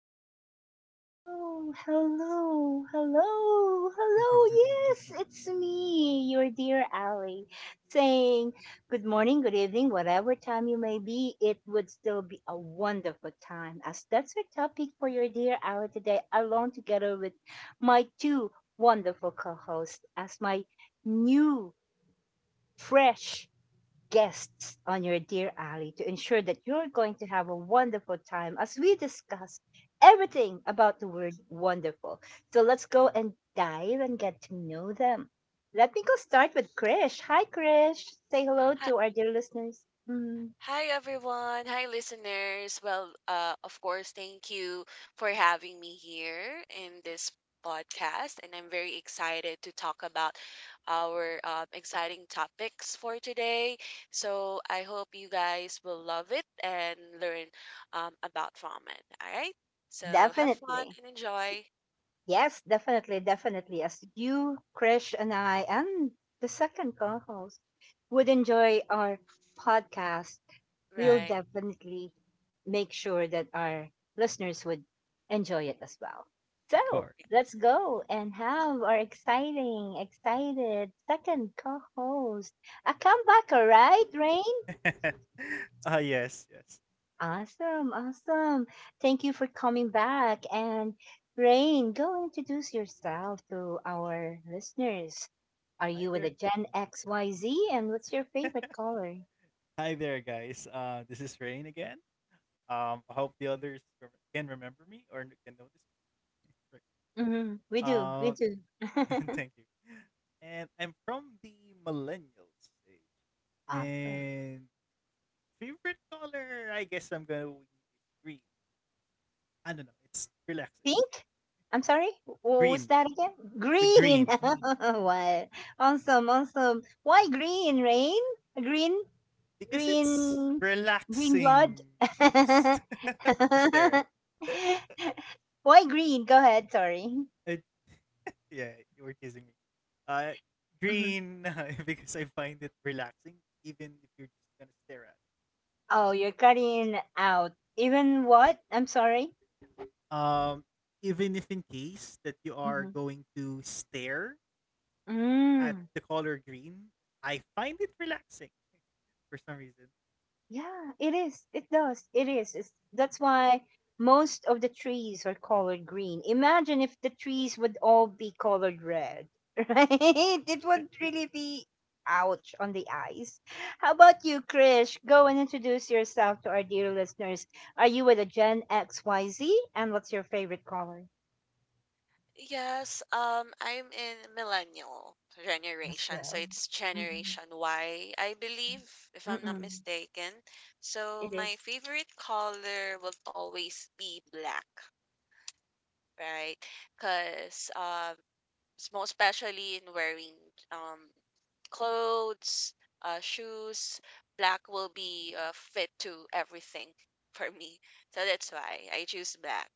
hello, hello, hello, hello, hello. Yes, it's me, your dear Ali, saying good morning, good evening, whatever time you may be. It would still be a wonderful time, as that's our topic for your dear Ali today, along together with my two wonderful co-hosts, as my new, fresh guests on your Dear Ally to ensure that you're going to have a wonderful time as we discuss everything about the word wonderful. So let's go and dive and get to know them. Let me go start with Krish. Hi, Krish. Say hello Hi, to our dear listeners. Mhm. hi everyone. Hi listeners. Well, of course, thank you for having me here in this podcast, and I'm very excited to talk about our exciting topics for today. So I hope you guys will love it and learn about ramen, all right? So have fun Definitely. and enjoy. Yes, definitely, definitely. As you, Krish, and I, and the second co host would enjoy our podcast, Of we'll Right. definitely make sure that our listeners would enjoy it as well. So course. let's go and have our exciting, excited second co host. A comebacker, right, Rain? Yes, yes. Awesome, awesome. Thank you for coming back. And Rain, go introduce yourself to our listeners. Are Hi you with a there, Gen XYZ? And what's your favorite color? hi there, guys. This is Rain again. I hope the others can remember me or can notice me. Right. We do, we do. thank you. And I'm from the millennial stage. Awesome. And favorite color, I guess I'm gonna win with green. I don't know. It's relaxing. Pink? I'm sorry? What was Green that again? with Green. green. What? Awesome, awesome. Why green, Rain? Green? Because it's Green, green blood. relaxing to stare at. Why green? Go ahead. Sorry. It, yeah, you were teasing me. Uh, Mm-hmm. green because I find it relaxing, even if you're just gonna stare at Oh, you're cutting out. Even what? I'm sorry. it. Even if in case that you are Mm-hmm. going to stare at Mm. the color green, I find it relaxing for some reason. Yeah, it is. It does. It is. That's why most of the trees are colored green. Imagine if the trees would all be colored red, right? It would really be ouch on the eyes. How about you, Krish? Go and introduce yourself to our dear listeners. Are you with a Gen XYZ? And what's your favorite color? Yes, I'm in millennial As generation, so well. it's Mhm. Generation Y, I believe, if I'm not Mm. mistaken. So It my is. favorite color will always be black, right? Because most especially in wearing um clothes, shoes, black will be fit to everything for me. So that's why I choose black.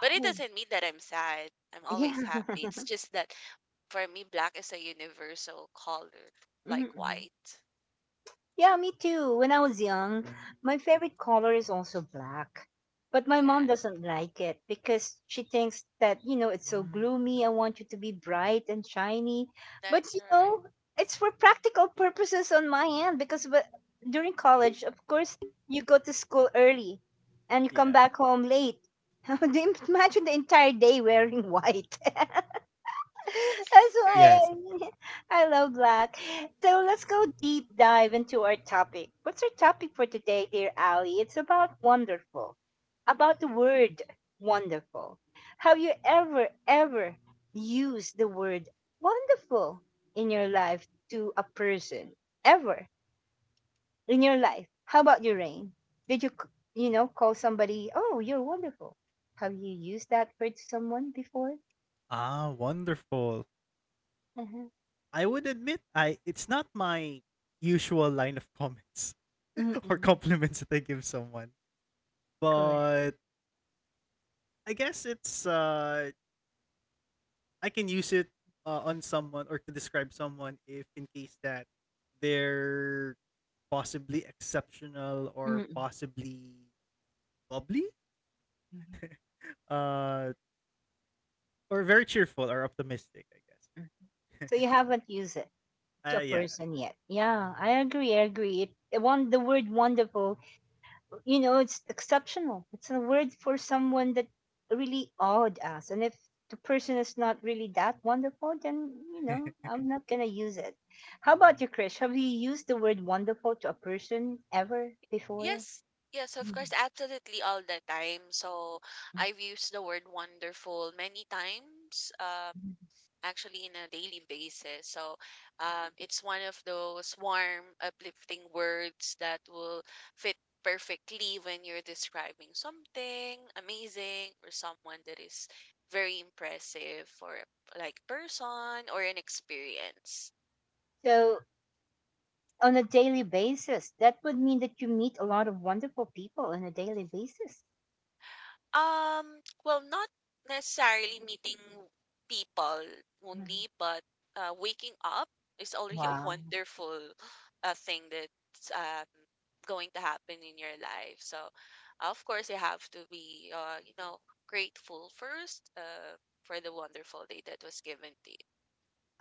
But it doesn't mean that I'm sad. I'm yeah. always happy. It's just that for me, black is a universal color, like Mm. white. Yeah, me too. When I was young, my favorite color is also black. But my mom Yeah, doesn't like it because she thinks that, you know, it's so Mm, gloomy. I want you to be bright and shiny. But, that's you right. know, it's for practical purposes on my end because during college, of course, you go to school early and you come yeah. back home late. Imagine the entire day wearing white. That's Correct. Yes, of course. why I love black. So Yeah. let's go deep dive into our topic. What's our topic for today, dear Ali? It's about wonderful, about the word wonderful. Have you ever used the word wonderful in your life to a person? Ever in your life? How about your rain? Did you, you know, call somebody, oh, you're wonderful? Have you used that word to someone before? Ah, wonderful. Uh-huh. I would admit I it's not my usual line of comments or Mm-mm. compliments that I give someone. Correct. But I guess it's I can use it on someone or to describe someone if in case that they're possibly exceptional or Mm, possibly bubbly mhm, uh or very cheerful or optimistic, I mm. guess. So you haven't used it to a yeah. person yet. Yeah, I agree. I agree. It one the word wonderful. You know, it's exceptional. It's a word for someone that really awed us. And if the person is not really that wonderful, then you know Yes. I'm not gonna use it. How about you, Krish? Have you used the word wonderful to a person ever before? Yes. Yes, of Mhm, course, absolutely all the time. So mhm, I've used the word wonderful many times. Mhm. Actually in a daily basis. So it's one of those warm, uplifting words that will fit perfectly when you're describing something amazing or someone that is very impressive or like person or an experience. So on a daily basis, that would mean that you meet a lot of wonderful people on a daily basis. Um, well, not necessarily meeting people only, but waking up is already a Wow. wonderful thing that's going to happen in your life. So, of course, you have to be, you know, grateful first for the wonderful day that was given to you.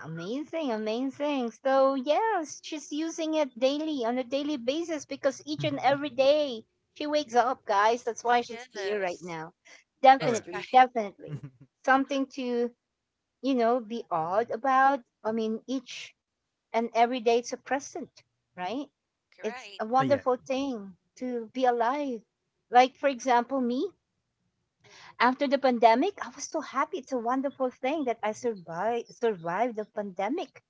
Amazing, amazing. So, yes, she's using it daily on a daily basis because each and every day she wakes up, guys. That's why she's here right Yes, now. All that's right. Definitely, right. definitely. Something to, you know, be awed about. I mean, each and every day it's a present, right? It's Right. a yeah. wonderful thing to be alive. Like, for example, me. Mhm. After the pandemic, I was so happy. It's a wonderful thing that I survived the pandemic,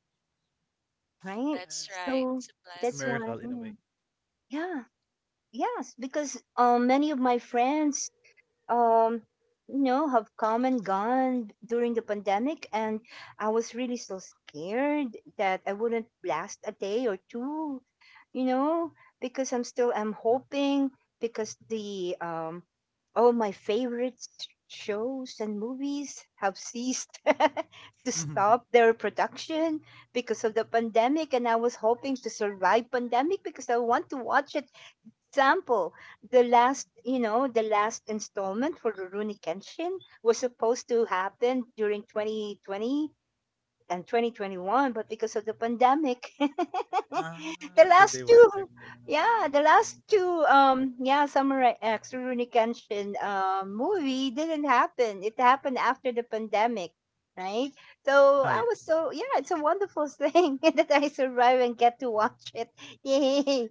right? That's right. So It's a It's a that's blessing. why, miracle in a way. mm, yeah, yes, because many of my friends um you know have come and gone during the pandemic, and I was really so scared that I wouldn't last a day or two. You know, because I'm hoping, because the all my favorite shows and movies have ceased to stop their production because of the pandemic, and I was hoping to survive pandemic because I want to watch it. Example, the last, you know, the last installment for Rurouni Kenshin was supposed to happen during 2020 and 2021, but because of the pandemic, the Ah, so last they were two, affected. Mhm. yeah, the last two, yeah, Samurai X Rurouni Kenshin movie didn't happen. It happened after the pandemic, right? So Ah, I yeah. was so yeah, it's a wonderful thing that I survive and get to watch it. Yay!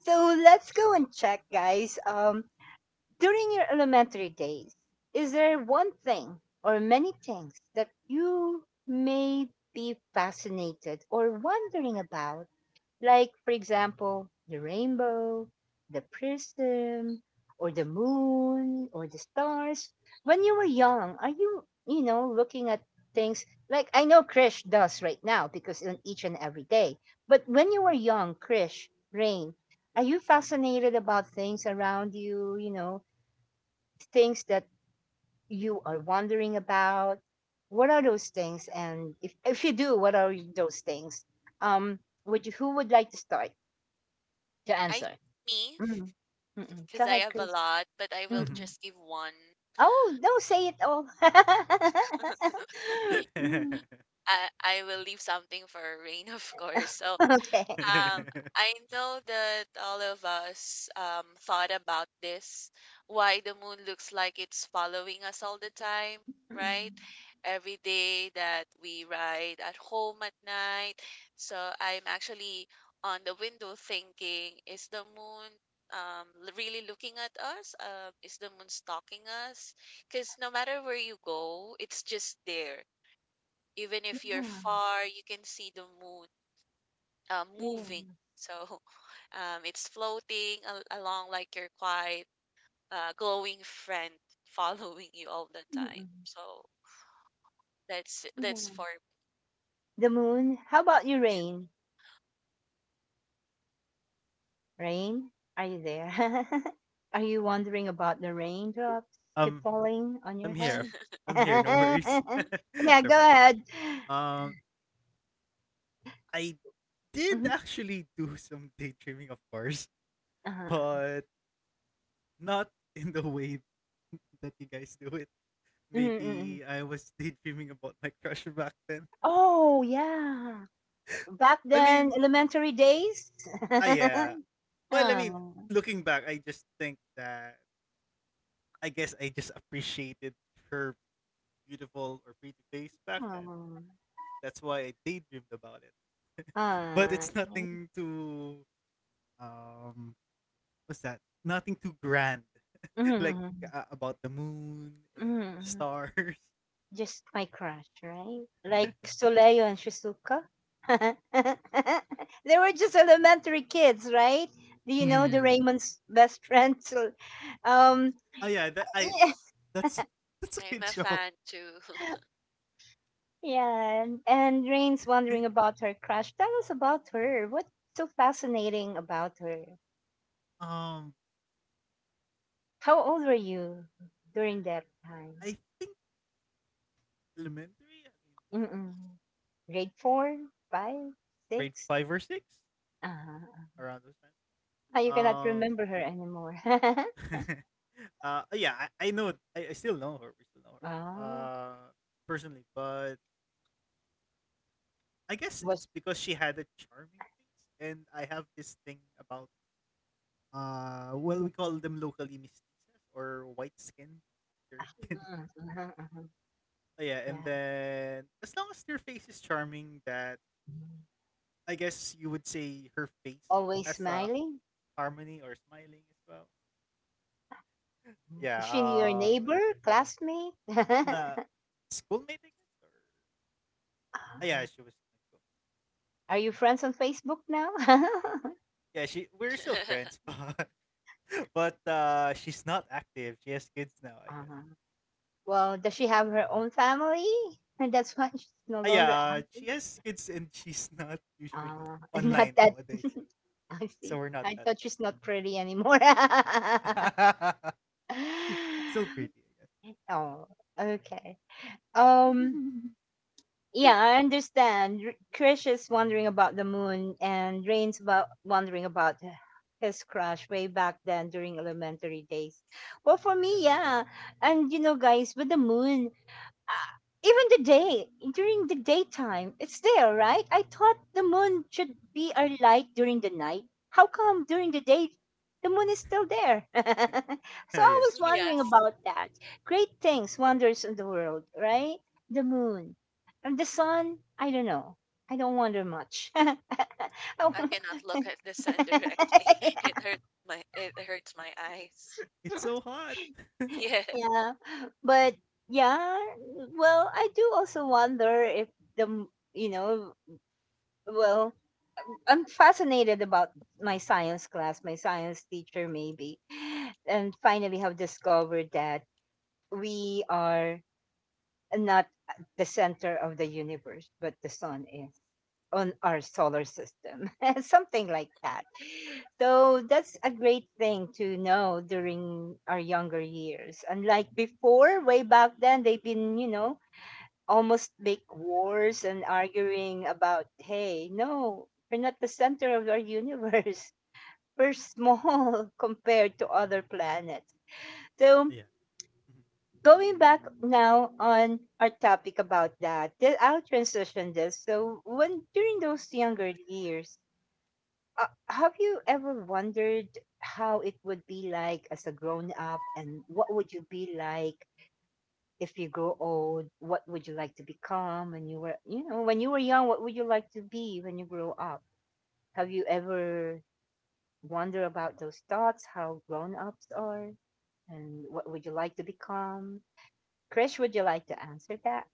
So let's go and check, guys. During your elementary days, is there one thing or many things that you may be fascinated or wondering about? Like, for example, the rainbow, the prism, or the moon, or the stars. When you were young, are you, you know, looking at things like I know Krish does right now because on each and every day. But when you were young, Krish, Rain, are you fascinated about things around you, you know, things that you are wondering about? What are those things? And if you do, what are those things? Um, would you, who would like to start? To I think answer. me, Mm. Mm. Go because I ahead, have a Chris. lot, but I will Mm. just give one. Oh, no, say it all. Mhm. Mm. I will leave something for rain, of course. So Okay. um, I know that all of us thought about this, why the moon looks like it's following us all the time, Mm. right? Every day that we ride at home at night. So I'm actually on the window thinking, is the moon really looking at us? Is the moon stalking us? Because no matter where you go, it's just there, even if you're Yeah. far, you can see the moon Yeah. moving. So it's floating along like your quiet, glowing friend following you all the time. Mm. So that's for Yeah. The moon. How about you, rain? Rain, are you there? Are you wondering about the raindrops keep um, falling on your I'm here. Okay. head? I'm here. No worries. me. Sorry Yeah, go about ahead. that. I did Mhm. actually do some daydreaming, of course, Uh-huh. but not in the way that you guys do it. Mm, mm, mm. Maybe I was daydreaming about my crush back then. Oh, yeah. Back I then mean, elementary days. ah, yeah. Well, I Ah, mean, looking back, I just think that I guess I just appreciated her beautiful or pretty face back ah, then. That's why I daydreamed about it. But ah. it's nothing too um what's that? Nothing too grand Mhm, like mhm, about the moon and the mhm. stars. Just my crush, right? Like Soleil and Shizuka. They were just elementary kids, right? Do you Yeah, know Mhm, the yeah. Raymond's best friend? Um, Oh yeah, that I that's that's a I'm good a show. fan too. yeah, and Rain's wondering about her crush. Tell us about her. What's so fascinating about her? um How old were you during that time? I think elementary, I mean Mm. Grade 4, 5, grade six. 5 or 6 Ah, around those times. ah, you cannot Um remember her anymore. Yeah, I know I still know her, we still know her Oh, personally, but I guess it's was because she had a charming face and I have this thing about well, we call them locally mestizas, or white skin, fair skin. mm, mhm, mhm, Oh yeah, yeah. and then as long as their face is charming, that Mm. I guess you would say her face Always has a smiling. harmony or smiling as well. Mm. Is yeah she your uh neighbor, classmate? na schoolmate I guess, or ah, Ah, yeah, she was my schoolmate. are you friends on Facebook now? Yeah, she we're still friends, but she's not active. She has kids now, I guess. Ah, well, does she have her own family? And that's why she's no Ah, yeah, longer she active. has kids and she's not usually Ah, not online that. nowadays, I so see. we're not I that thought she's not pretty anymore. close. Still pretty, I Oh, okay. Um, yeah, I understand. Krish is wondering about the moon, and Rain's about wondering about his crush way back then during elementary days. Well, for guess. me, yeah, and you know, guys, with the moon, even the day during the daytime it's there, right? I thought the moon should be our light during the night. How come during the day the moon is still there? So Yeah, I yeah. was wondering Yes, about that. Great things, wonders in the world, right? The moon and the sun, I don't know. I don't wonder much. Oh, I cannot look at the sun directly. It hurts my eyes. It's so hot. Yes. yeah, but yeah, well, I do also wonder if the m- you know, well, I'm fascinated about my science class, my science teacher, maybe, and finally have discovered that we are not the center of the universe, but the sun is on our solar system, something like that. So that's a great thing to know during our younger years. Unlike before, way back then, they've been, you know, almost make wars and arguing about, hey, no, we're not the center of our universe. We're small compared to other planets. So, Yeah. Mhm. going back now on our topic about that, I'll transition this. So, when during those younger years, have you ever wondered how it would be like as a grown up, and what would you be like if you grow old? What would you like to become when you were, you know, when you were young? What would you like to be when you grow up? Have you ever wondered about those thoughts, how grown ups are, and what would you like to become? Krish, would you like to answer that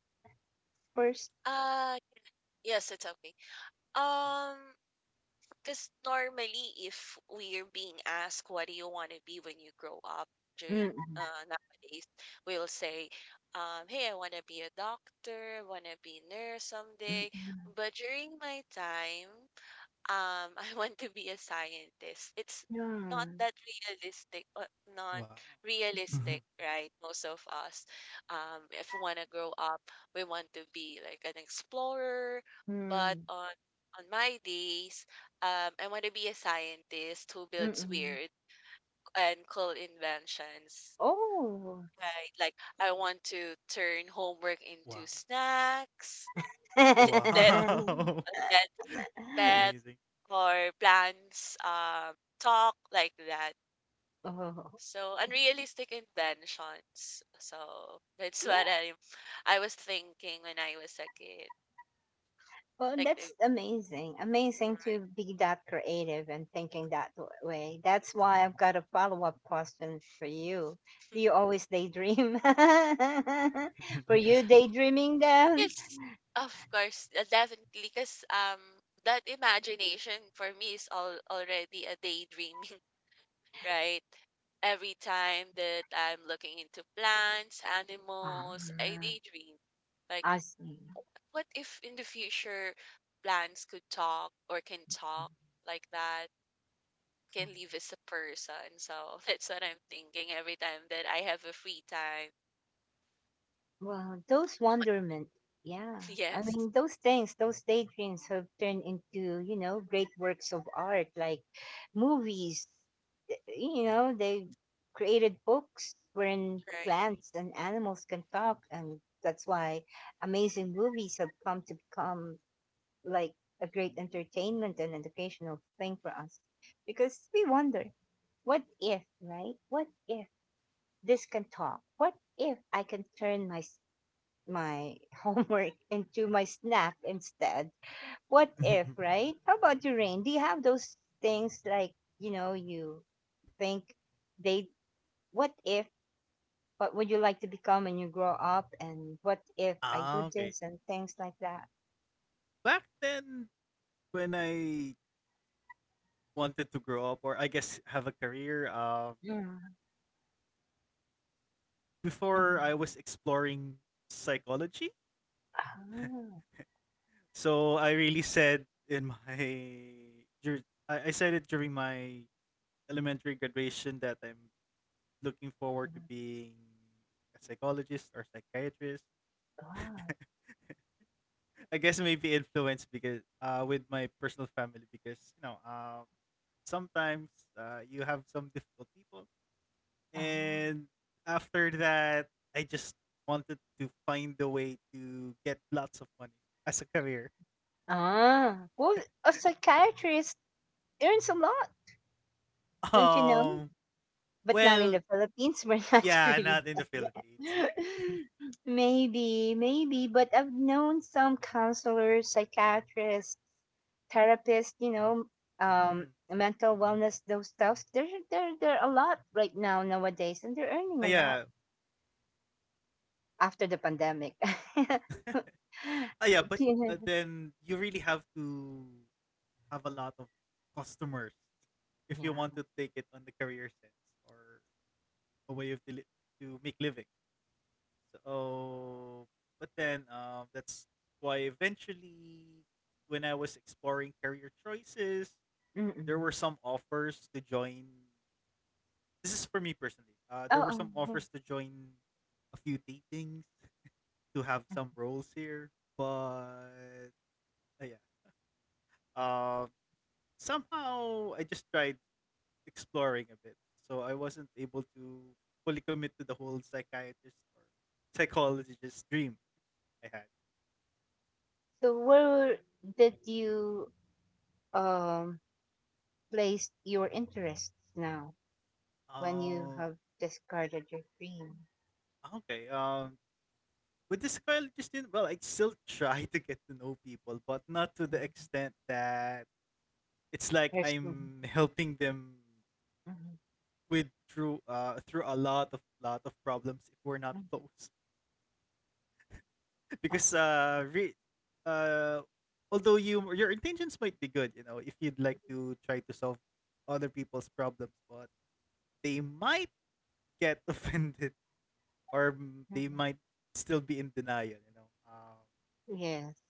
first? Uh yes, it's okay. Um Because normally, if we're being asked, what do you want to be when you grow up during Mm-mm. Nowadays, we'll say, hey, I want to be a doctor, want to be nurse someday. Mm-mm. But during my time, I want to be a scientist. It's not Yeah. that realistic, not Wow. realistic, right? Most of us, if we want to grow up, we want to be like an explorer. But Mm. on my days, I want to be a scientist who builds Mm-mm. weird and cool inventions. Oh. Right, like I want to turn homework Wow. into snacks. Let Wow. let pet Amazing. or plans, talk like that. Oh. So unrealistic intentions. So that's what Yeah. I was thinking when I was a kid. Well, Like that's the- amazing. Amazing right. to be that creative and thinking that way. That's why I've got a follow-up question for you. Do you always daydream? Were you daydreaming then? Yes, of course, definitely. Cause that imagination for me is all already a daydreaming, right? Every time that I'm looking into plants, animals, I Ah, daydream like, I see. what if in the future plants could talk or can talk like that? Can live as a person. So that's what I'm thinking every time that I have a free time. Well, those wonderment, yeah. I Yes, mean, those things, those daydreams have turned into, you know, great works of art like movies, you know, they created books wherein right. plants and animals can talk, and that's why amazing movies have come to become like a great entertainment and educational thing for us, because we wonder, what if, right? What if this can talk? What if I can turn my my homework into my snack instead? What if, right? How about you, Rain? Do you have those things like you know you think they what if, what would you like to become when you grow up, and what if I okay. do this and things like that? Back then, when I wanted to grow up, or I guess have a career, Mm. before, I Mm. was exploring psychology. Oh, So I really said in my dur- I said it during my elementary graduation that I'm looking my forward to being a psychologist or psychiatrist. god. I guess maybe influenced because with my personal family, because you know, sometimes you have some difficult people. Oh. And after that, I just wanted to find a way to get lots of money as a career. Ah, well, a psychiatrist earns a lot, don't you know? Um, But not in well, the Philippines. We're not yeah, really not in the done yet. Philippines. Maybe, but I've known some counselors, psychiatrists, therapists, Mhm. mental wellness, those stuff. They're a lot right now, nowadays, and they're earning Ah, a lot yeah. after the pandemic. Ah, yeah, but Opinion. then you really have to have a lot of customers if you want Yeah. to take it on the career sense, or a way of to make living. So, but then, that's why eventually, when I was exploring career choices, there Mm-mm. were some offers to join. This is for me personally. There were some Oh, oh, yeah. offers to join a few datings to have some roles here, but yeah. Um, somehow I just tried exploring a bit, so I wasn't able to fully commit to the whole psychiatrist or psychologist dream I had. So where did you um, place your interests now, when you Um, have discarded your dream? Ah, okay. With this college student, well, I still try to get to know people, but not to the extent that it's like There's I'm helping them mhm, with through through a lot of problems if we're not mhm, close. because awesome. uh re- uh although you, your intentions might be good, you know, if you'd like to try to solve other people's problems, but they might get offended, or mm, they Mhm. might still be in denial, you know. Um, Yes,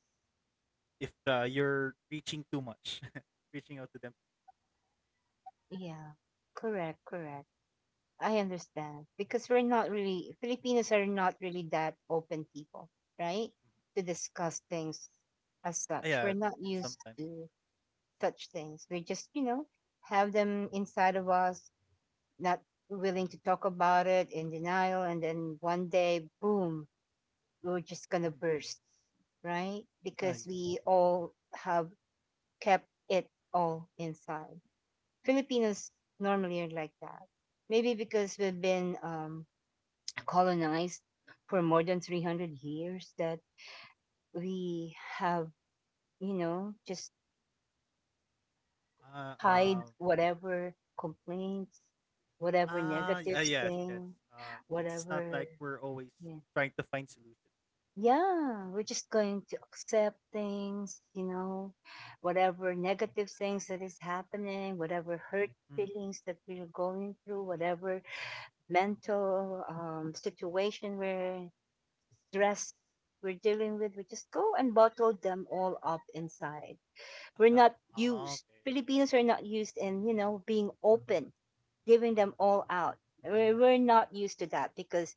if you're reaching too much, reaching out to them. yeah, correct, correct. I understand because we're not really, Filipinos are not really that open people, right? Mhm. To discuss things as Ah, such. yeah, We're not used sometimes. to such things. We just, you know, have them inside of us, not willing to talk about it, in denial, and then one day, boom, we're just gonna Mhm. burst, right? Ah, yeah. Because we all have kept it all inside. Filipinos normally are like that. Maybe because we've been colonized for more than 300 years, that we have, you know, just Uh, hide um, whatever complaints, whatever ah, negative ah, yes, yes. thing, Uh, it's not whatever like we're always yeah, trying to find solutions. yeah, we're just going to accept things, you know, whatever negative things that is happening, whatever hurt Mhm. feelings that we're going through, whatever mental situation we're stressed we're dealing with, we just go and bottle them all up inside. We're Ah, not ah, used. okay, Filipinos are not used in, you know, being open, giving them all out. We're not used to that because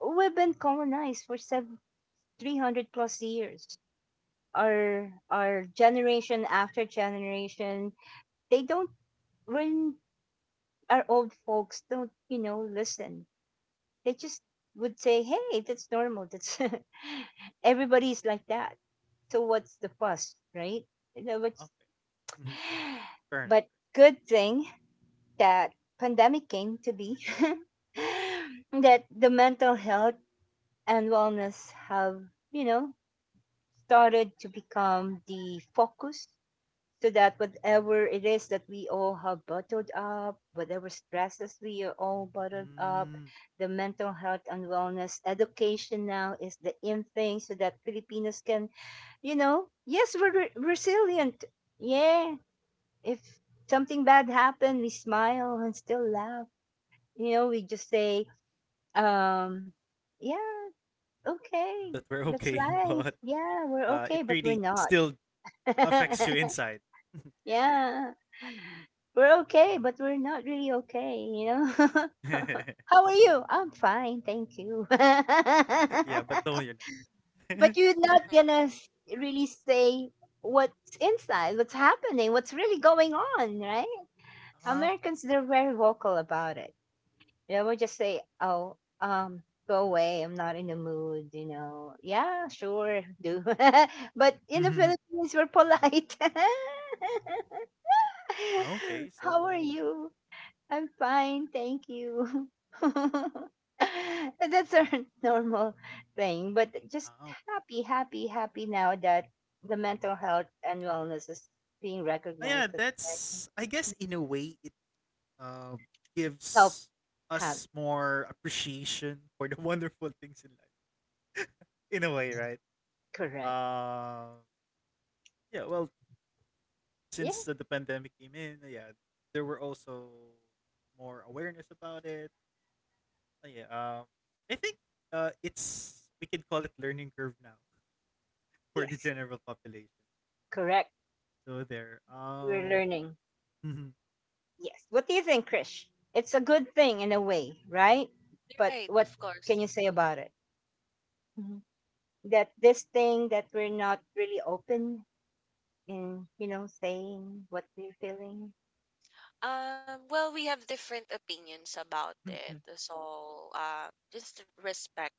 we've been colonized for seven, 300 plus years, our generation after generation, they don't, when our old folks don't, you know, listen. They just would say, "Hey, that's normal. That's everybody's like that. So what's the fuss, right?" You know, but ah, okay. Mhm. Fair enough. but good thing that pandemic came to be that the mental health and wellness have, you know, started to become the focus so that whatever it is that we all have bottled up, whatever stresses we are all bottled up, Mm, the mental health and wellness education now is the in thing so that Filipinos can, you know, yes, we're re- resilient. Yeah. If something bad happened, we smile and still laugh. You know, we just say, um, yeah, okay, that we're that's okay, life. but Yeah, we're it okay, but we're really not. still affects you inside. Yeah. We're okay, but we're not really okay, you know? How are you? I'm fine, thank you. But Yeah, but no, you're not. you're not gonna Hmm. s- really say what's inside, what's happening, what's really going on, right? Ah, Americans, they're very vocal about it. You know, we'll just say, oh, go away, I'm not in the mood, you know? Yeah, sure, do. But in the mhm. Philippines, we're polite. Okay, so How are you? I'm fine, thank you. That's a normal thing, but just ah, happy now that the mental health and wellness is being ah, yeah, recognized as a that's, I guess, in a way it um help gives us has more appreciation for the wonderful things in life. In a way, right? correct. Um yeah, well, Yeah, since the pandemic came in, yeah, there were also more awareness about it. Ah, yeah, I think it's, we can call it learning curve now, for the yes, general population. correct. So there. We're learning. Yes. What do you think, Krish? It's a good thing in a way, right? But Right, what of can you course. say about it? Mhm. That this thing that we're not really open in, you know, saying what we're feeling Well, we have different opinions about mhm, mhm. it, so just respect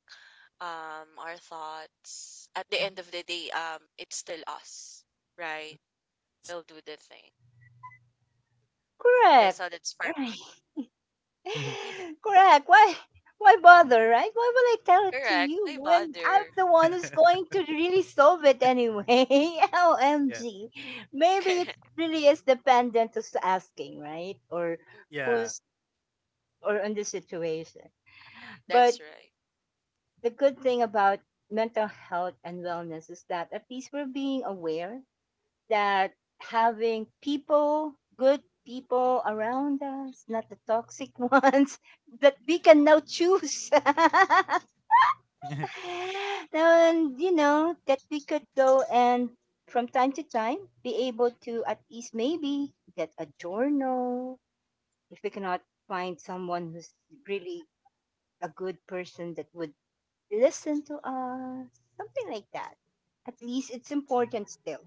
our thoughts. At the end of the day, it's still us, right? it's We'll do the thing. Correct. That's how that's for Right. true. me. Correct. Why bother, right? Why will I tell it to Correct. you My when I'm mother. the one who's going to really solve it anyway? Yes. OMG. Maybe it Correct. really is dependent who's asking, right? Or Mhm. Yeah. who's or on the situation. But That's right. the good thing about mental health and wellness is that at least we're being aware that having people, good people around us, not the toxic ones, that we can now choose. And, you know, that we could go and from time to time be able to at least maybe get a journal if we cannot find someone who's really a good person that would listen to us, something like that. At least it's important still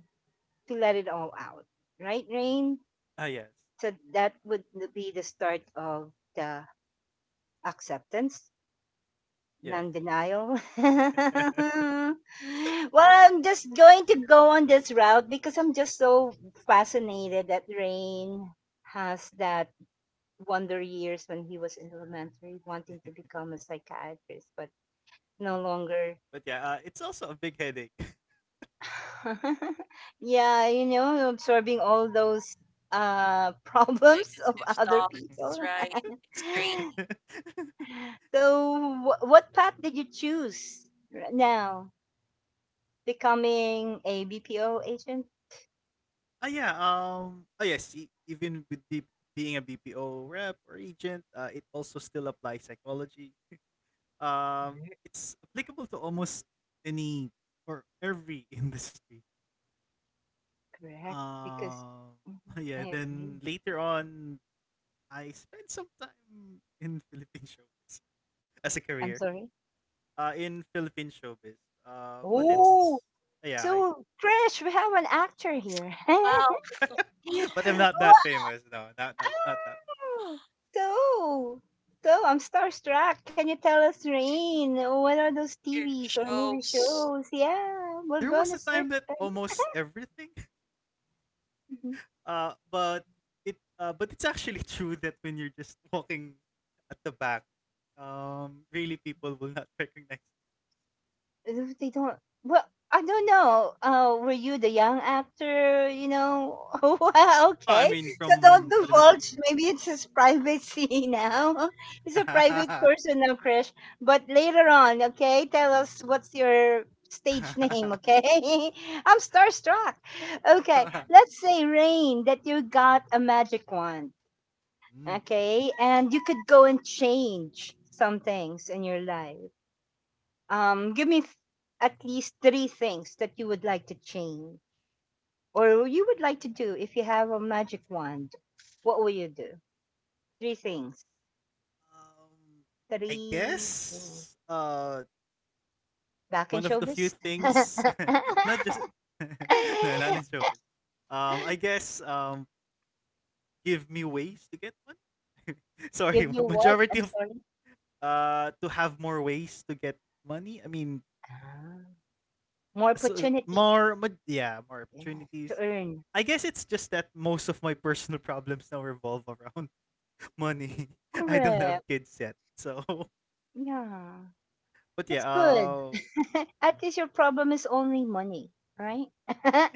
to let it all out. Right, Rain? Ah, yes. So that would n- be the start of the acceptance, Yes. non denial. Well, I'm just going to go on this route because I'm just so fascinated that Rain has that wonder years when he was in elementary wanting to become a psychiatrist, but no longer. but yeah, it's also a big headache. Yeah, you know, absorbing all those problems of Negative other people. thoughts, right? It's draining. So, wh- what path did you choose r- now? Becoming a BPO agent? Ah, yeah, oh yes, being a BPO rep or agent, it also still applies psychology. It's applicable to almost any or every industry. Correct. Because Um mhm, yeah, I then agree. later on I spent some time in Philippine showbiz as a I'm career. sorry. Uh, in Philippine showbiz. But Oh, it's yeah, I. so Krish, we have an actor here. Wow. Wow. But I'm not that famous. No, not that. So, so I'm starstruck. Can you tell us, to Rain, what are those your TVs or movie shows. shows? Yeah, we're There was gonna a time search that them. almost everything. Uh, but but it's actually true that when you're just walking at the back, really people will not recognize. If they don't, well, I don't know, uh, were you the young actor, you know? Well, Oh, I okay, mean so don't from elementary divulge, years. maybe it's his privacy. Now he's a private person now, Krish, but later on, okay, tell us what's your stage name, okay? I'm starstruck. Okay, let's say Rain, that you got a magic wand, Mm. okay, and you could go and change some things in your life. Give me th- at least three things that you would like to change or you would like to do if you have a magic wand. What will you do? Three things. um, I Three things. guess. Back in One of the showbiz? few things, not just no, not in showbiz. I guess, give me ways to get money. Sorry, Give you ma- what? majority I'm of sorry. To have more ways to get money. I mean, Ah, more so opportunities. more, yeah, more Yeah. To opportunities. earn. I guess it's just that most of my personal problems now revolve around money. I don't have Correct. kids yet, so Yeah. but yeah. That's good. At least your problem is only money, right?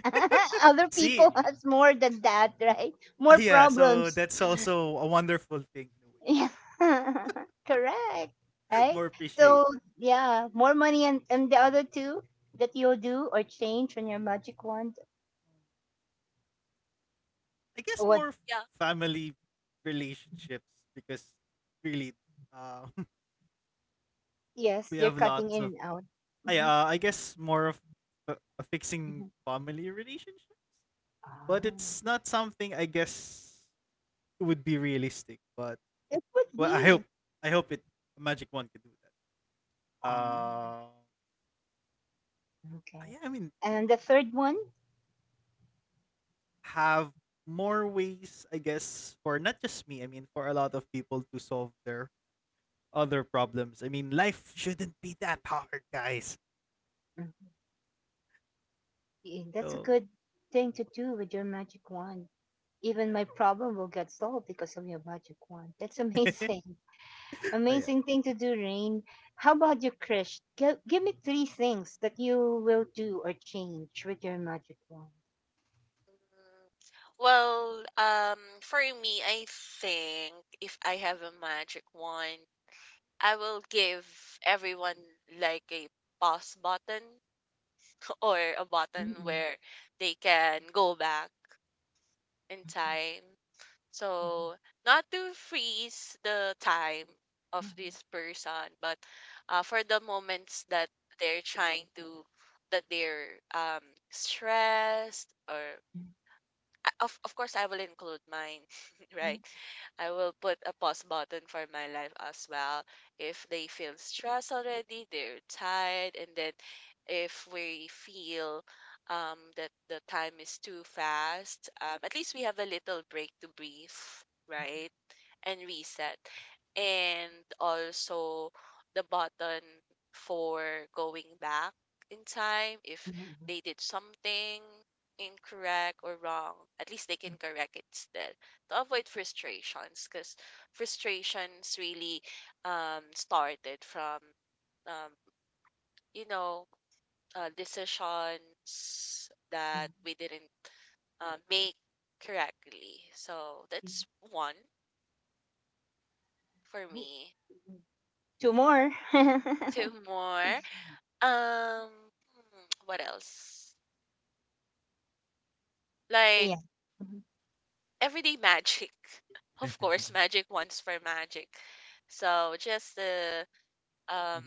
Other See, people has more than that, right? ah, More yeah. So problems. that's also a wonderful thing in a way. Yeah. Correct. Right? More So appreciation. yeah, more money, and the other two that you'll do or change on your magic wand. I guess What more Yeah. family relationships because really uh, yes, we you're have cutting in lots and of out. I Hmm. uh, I guess more of Hmm. fixing family relationships, but Ah. it's not something, I guess, would be realistic. But It would well, I be. hope I hope it, Magic One, can do that. Ah, Uh, okay. yeah, I mean, And the third one? have more ways, I guess, for not just me. I mean, for a lot of people to solve their other problems. I mean, life shouldn't be that hard, guys. Mhm. Yeah, that's a So, good thing to do with your magic wand. Even my ayan. problem will get solved because of your magic wand. That's amazing. Amazing thing to do, Rain. How about you, Krish? Give me three things that you will do or change with your magic wand. Mm, Well, for me, I think if I have a magic wand, I will give everyone like a pause button or a button Mm-mm. where they can go back in time. Mhm, So, not to freeze the time of this person, but for the moments that they're trying to, that they're stressed, or of course I will include mine, mhm, right? I will put a pause button for my life as well. If they feel stressed already, they're tired, and then if we feel that the time is too fast, at least we have a little break to breathe, right? And reset. And also the button for going back in time, if mhm, mhm, they did something incorrect or wrong, at least they can correct it still to avoid frustrations, because frustrations really started from um you know decisions that mhm, we didn't make correctly. So that's one for mhm, me. mhm. Two more. Two more. Um, hmm, what else? Like Yeah. Mhm. everyday magic. ayan. Of course, magic once for magic. So just the um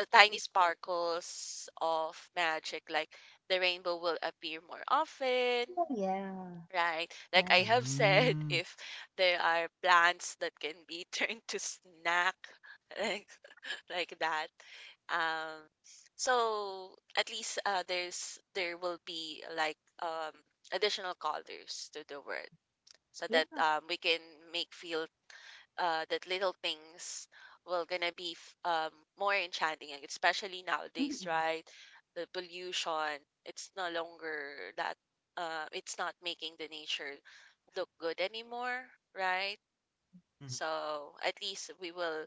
tiny sparkles of magic, like the rainbow will appear more often, Oh, yeah. right? Like Nice. I have said, Mm. if there are plants that can be turned to snack, like. like that. Um, so at least there will be like um, additional colors to the word, so that Yeah. We can make feel that little things will gonna be more enchanting, and especially nowadays, Mhm. right? The pollution, it's no longer that it's not making the nature look good anymore, right? So at least we will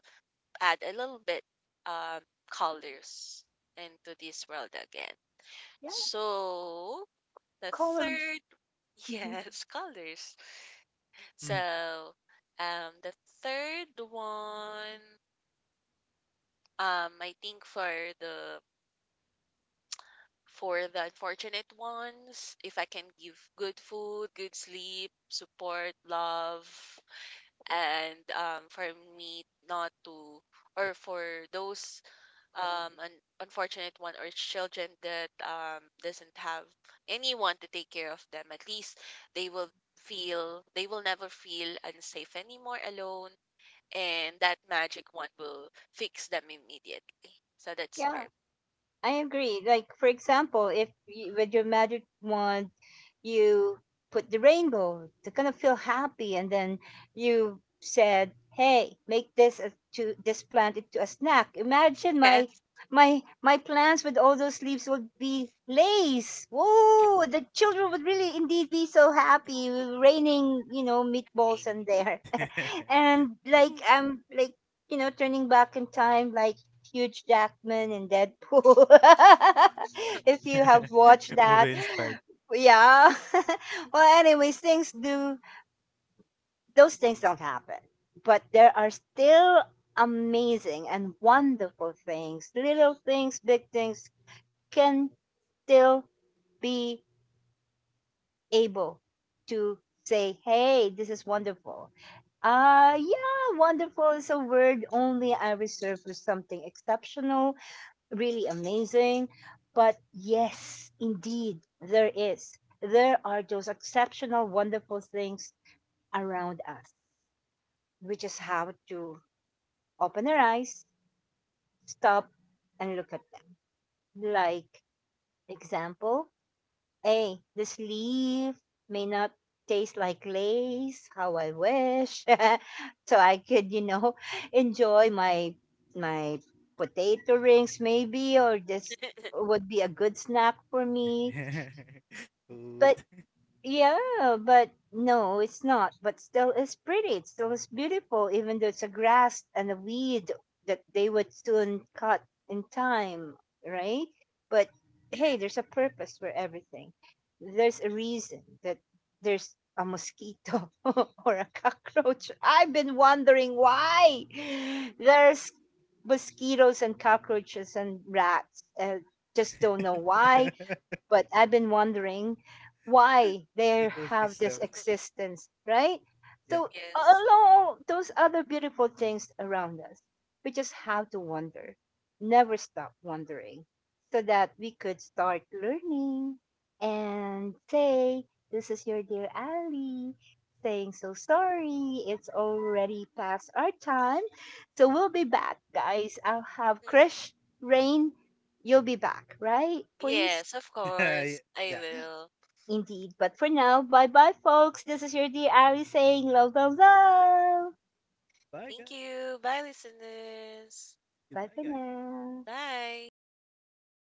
add a little bit um, colors into this world again. Yeah. So the Colors. third, Mhm. yes, colors. So the third one, I think the for the unfortunate ones, if I can give good food, good sleep, support, love, and for me not to, or for those an unfortunate one or children that doesn't have anyone to take care of them, at least they will feel, they will never feel unsafe anymore alone, and that magic one will fix them immediately. So that's Yeah. perfect. I agree. Like for example, if you, with your magic wand, you put the rainbow to kind of feel happy, and then you said, "Hey, make this a, to this plant into a snack." Imagine my Yes, my plants with all those leaves would be lace. Whoa! The children would really indeed be so happy. Raining, you know, great. meatballs in there, and like Food. I'm like you know turning back in time, like Huge Jackman in Deadpool. If you have watched Movie that, inspired. yeah. Well, anyways, things do those things don't happen, but there are still amazing and wonderful things, little things, big things can still be able to say, "Hey, this is wonderful." Yeah, wonderful is a word only I reserve for something exceptional really Mhm. amazing. But yes, indeed, there is. There are those exceptional, wonderful things around us. We just have to open our eyes, stop, and look at them. Like, example, hey, this leaf may not taste like lace, how I wish. So I could, you know, enjoy my my potato rings maybe or this would be a good snack for me. Food. But yeah, but no, it's not. But still, it's pretty. It still is beautiful, even though it's a grass and a weed that they would soon cut in time, right? But hey, there's a purpose for everything. There's a reason that there's a mosquito or a cockroach. I've been wondering why there's mosquitoes and cockroaches and rats. And just don't know why, but I've been wondering why they have this Ecosystem. existence, right? Yeah. So Yes. along those other beautiful things around us, we just have to wonder, never stop wondering, so that we could start learning and say, "This is your dear Ali." Saying so sorry, it's already past our time. So we'll be back, guys. I'll have Mhm. Krish, Rain, you'll be back, right? Please. Yes, of course I Yeah. will. Indeed. But for now, bye bye, folks. This is your dear Ali saying love, love, love. Bye, Thank guys. you. Bye, listeners. Bye Goodbye, for guys. now. Bye. Bye for now.